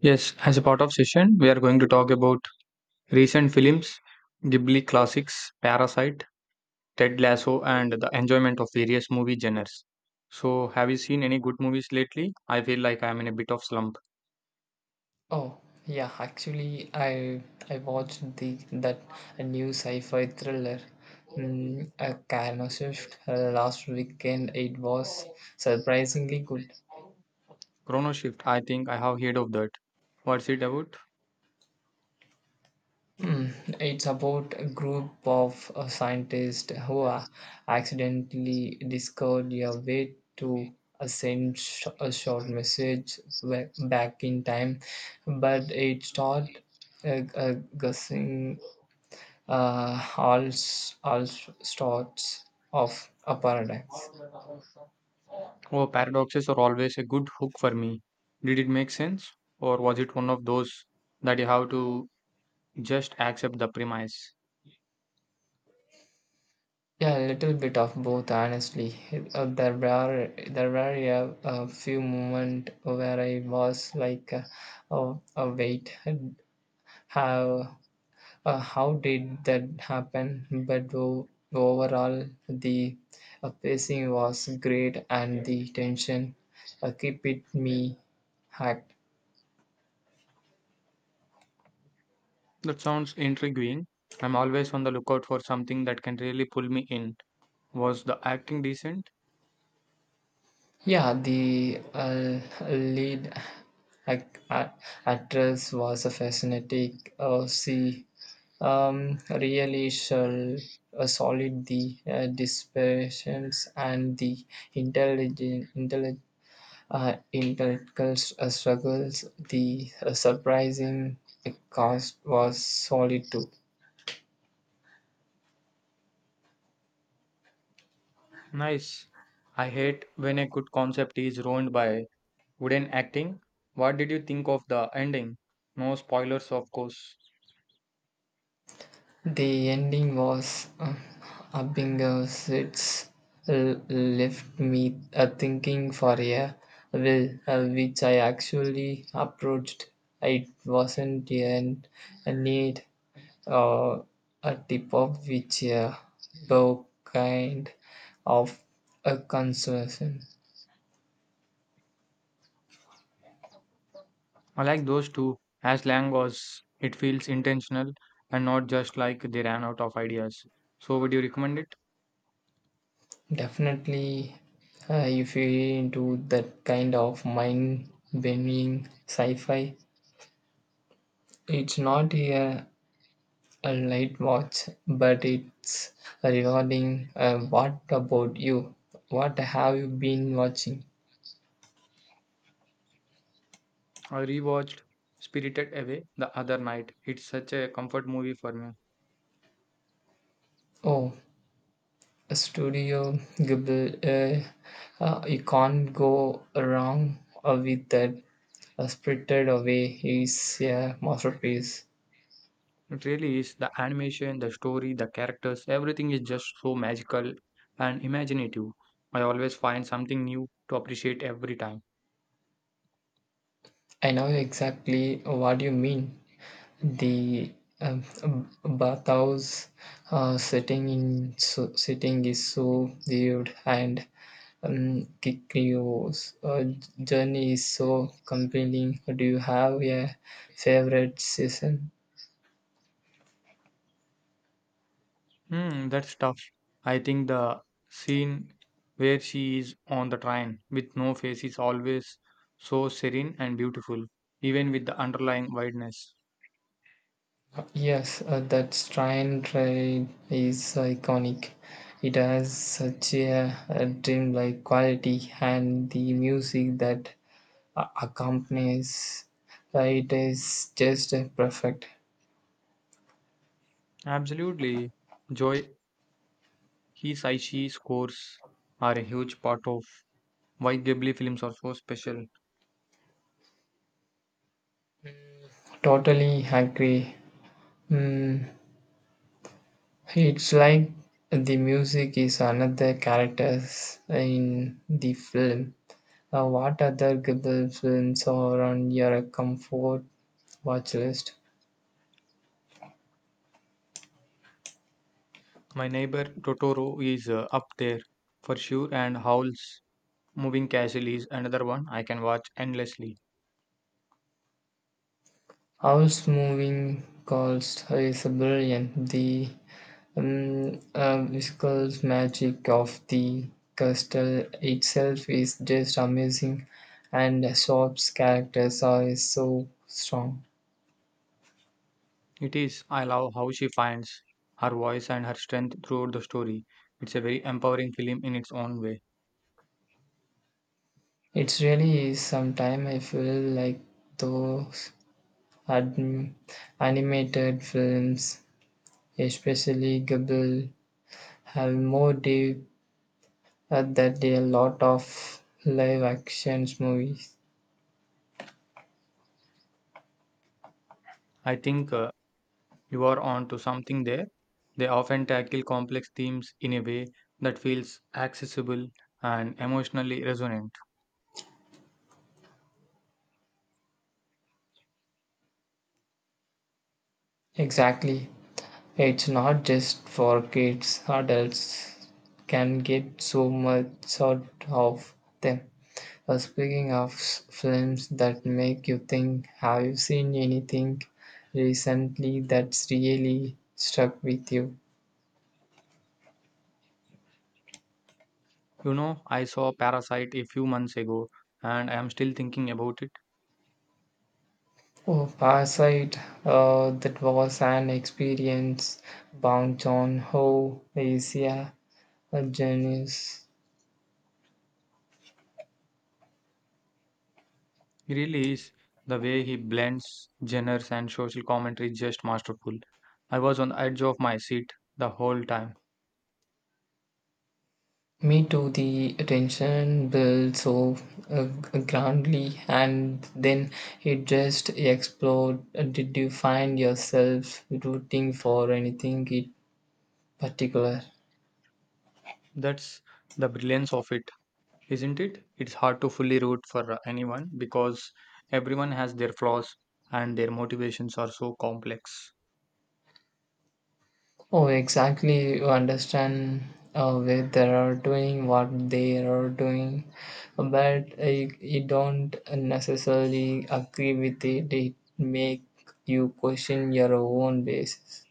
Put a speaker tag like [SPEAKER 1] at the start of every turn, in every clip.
[SPEAKER 1] Yes, as a part of session, we are going to talk about recent films, Ghibli classics, Parasite, Ted Lasso, and the enjoyment of various movie genres. So, have you seen any good movies lately? I feel like I am in a bit of slump.
[SPEAKER 2] Oh, yeah, actually I watched the that new sci-fi thriller a Karma Shift last weekend. It was surprisingly good.
[SPEAKER 1] Chrono Shift, I think I have heard of that. What's it about?
[SPEAKER 2] Mm, it's about a group of scientists who are accidentally discovered a way to send a short message back in time, but it started uh, uh, guessing all sorts of a paradox.
[SPEAKER 1] Oh, paradoxes are always a good hook for me. Did it make sense, or was it one of those that you have to just accept the premise?
[SPEAKER 2] Yeah, a little bit of both. Honestly, there were a few moments where I was like, oh wait, how how did that happen? Overall, the pacing was great, and the tension keep it me hacked.
[SPEAKER 1] That sounds intriguing. I'm always on the lookout for something that can really pull me in. Was the acting decent?
[SPEAKER 2] Yeah, the lead ac- a- actress was a fascinating. She really shall solid the dispersions and the intelligent intellectual struggles. The surprising cost was solid too.
[SPEAKER 1] Nice. I hate when a good concept is ruined by wooden acting. What did you think of the ending? No spoilers, of course.
[SPEAKER 2] The ending was Abingus. It's left me thinking for a while, which I actually approached. It wasn't an, a need or a tip of which though kind of a concern.
[SPEAKER 1] I like those two as long as it feels intentional and not just like they ran out of ideas. So, would you recommend it?
[SPEAKER 2] Definitely, if you're into that kind of mind bending sci fi, it's not a. A light watch, but it's regarding what about you? What have you been watching?
[SPEAKER 1] I rewatched Spirited Away the other night. It's such a comfort movie for me.
[SPEAKER 2] Oh, a Studio Ghibli. You can't go wrong with that. Spirited Away is a masterpiece.
[SPEAKER 1] It really is, the animation, the story, the characters, everything is just so magical and imaginative. I always find something new to appreciate every time.
[SPEAKER 2] I know exactly what you mean. The bathhouse setting in so, setting is so vivid and Kikyo's journey is so compelling. Do you have a favorite season?
[SPEAKER 1] Hmm, that's tough. I think the scene where she is on the train with no face is always so serene and beautiful, even with the underlying wideness.
[SPEAKER 2] Yes, that train ride is iconic. It has such a dreamlike quality, and the music that accompanies it is just perfect.
[SPEAKER 1] Absolutely. Joy, his Aishi scores are a huge part of why Ghibli films are so special.
[SPEAKER 2] Totally agree. Mm, it's like the music is another characters in the film. What other Ghibli films are on your comfort watch list?
[SPEAKER 1] My neighbor Totoro is up there for sure, and Howl's Moving Castle is another one I can watch endlessly.
[SPEAKER 2] House Moving Calls is brilliant. The visual magic of the castle itself is just amazing, and Shop's characters are so strong.
[SPEAKER 1] It is, I love how she finds her voice and her strength throughout the story. It's a very empowering film in its own way.
[SPEAKER 2] It really is. Sometimes I feel like those ad- animated films, especially Ghibli, have more depth than a lot of live action movies.
[SPEAKER 1] I think you are on to something there. They often tackle complex themes in a way that feels accessible and emotionally resonant.
[SPEAKER 2] Exactly. It's not just for kids, adults can get so much out of them. Speaking of films that make you think, have you seen anything recently that's really stuck with you?
[SPEAKER 1] You know, I saw Parasite a few months ago and I am still thinking about it.
[SPEAKER 2] Oh, Parasite, that was an experience bound on Ho, Asia a genius.
[SPEAKER 1] He really is. The way he blends genres and social commentary is just masterful. I was on the edge of my seat the whole time.
[SPEAKER 2] Me too, the tension built so uh, grandly and then it just exploded. Did you find yourself rooting for anything in particular?
[SPEAKER 1] That's the brilliance of it, isn't it? It's hard to fully root for anyone because everyone has their flaws and their motivations are so complex.
[SPEAKER 2] Oh, exactly. You understand where they are doing what they are doing, but you don't necessarily agree with it. It make you question your own basis.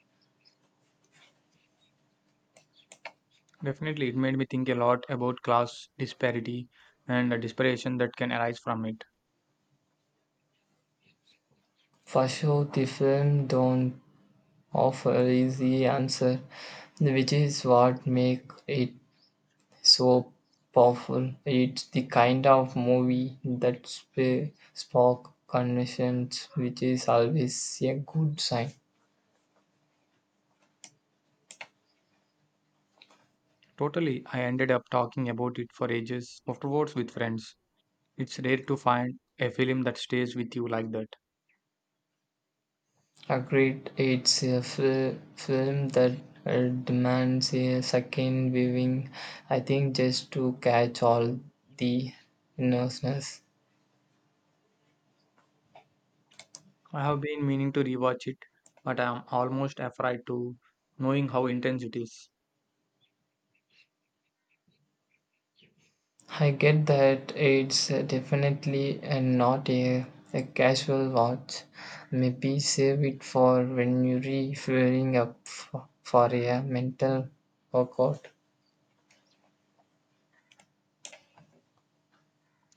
[SPEAKER 1] Definitely, it made me think a lot about class disparity and the desperation that can arise from it.
[SPEAKER 2] For sure, the film don't offer easy answer, which is what make it so powerful. It's the kind of movie that spark conversations, which is always a good sign.
[SPEAKER 1] Totally, I ended up talking about it for ages afterwards with friends. It's rare to find a film that stays with you like that.
[SPEAKER 2] Agreed, it's a film that demands a second viewing, I think, just to catch all the nervousness.
[SPEAKER 1] I have been meaning to rewatch it, but I am almost afraid to, knowing how intense it is.
[SPEAKER 2] I get that it's definitely not a, a casual watch. Maybe save it for when you're feeling up for a mental workout.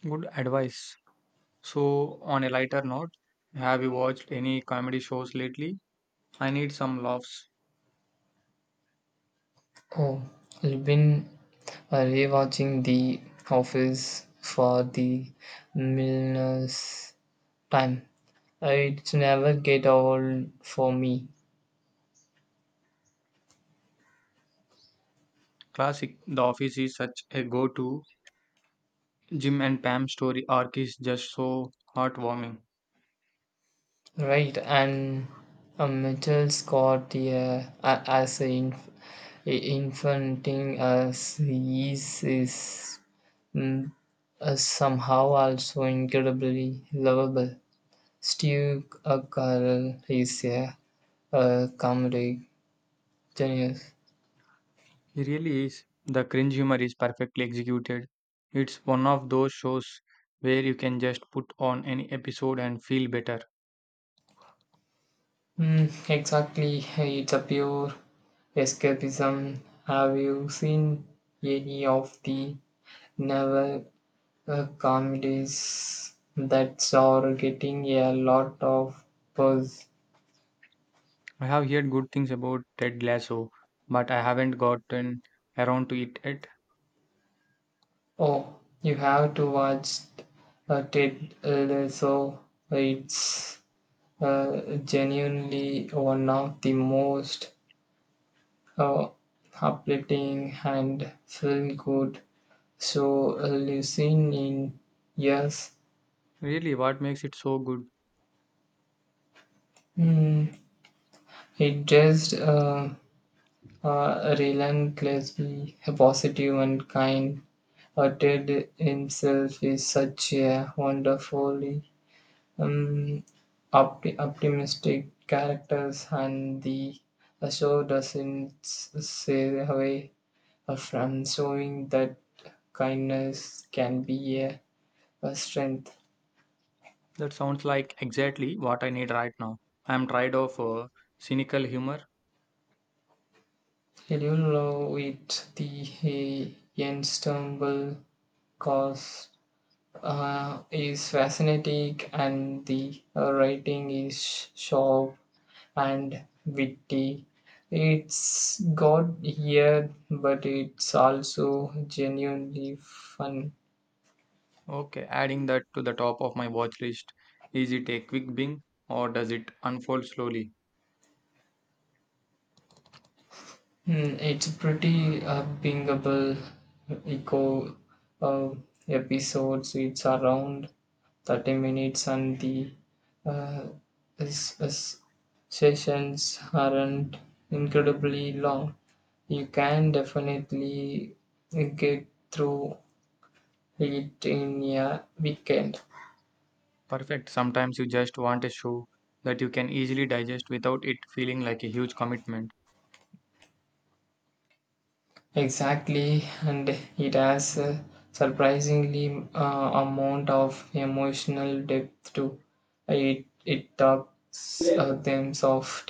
[SPEAKER 1] Good advice. So, on a lighter note, have you watched any comedy shows lately? I need some laughs.
[SPEAKER 2] Oh, I've been rewatching The Office for the millionth time. It never get old for me,
[SPEAKER 1] Classic. The Office is such a go to. Jim and Pam story arc is just so heartwarming.
[SPEAKER 2] right? And Mitchell Scott, yeah, as a a infanting as he is mm, somehow also incredibly lovable. Steve Carell is a comedic genius.
[SPEAKER 1] He really is. The cringe humor is perfectly executed. It's one of those shows where you can just put on any episode and feel better.
[SPEAKER 2] Mm, exactly, it's a pure escapism. Have you seen any of the newer comedies that are getting a lot of buzz?
[SPEAKER 1] I have heard good things about Ted Lasso, but I haven't gotten around to it yet.
[SPEAKER 2] Oh, you have to watch Ted Lasso. It's uh, genuinely one of the most uh, uplifting and feel good. So listening, yes,
[SPEAKER 1] Really, what makes it so good?
[SPEAKER 2] mm, it just relentlessly positive and kind. Ted himself is such a wonderfully um, optimistic characters, and the show doesn't stay away from showing that kindness can be a strength.
[SPEAKER 1] That sounds like exactly what I need right now. I'm tired of cynical humor.
[SPEAKER 2] Did you love it? The ensemble cast is fascinating, and the writing is sharp and witty. It's got here, but it's also genuinely fun.
[SPEAKER 1] Okay, adding that to the top of my watch list. Is it a quick bing or does it unfold slowly?
[SPEAKER 2] Mm, it's pretty upbringable eco uh, episodes. It's around 30 minutes, and the uh, s- s- sessions aren't incredibly long. You can definitely get through it in a weekend.
[SPEAKER 1] Perfect. Sometimes you just want a show that you can easily digest without it feeling like a huge commitment.
[SPEAKER 2] Exactly, and it has a surprisingly amount of emotional depth too. It talks them of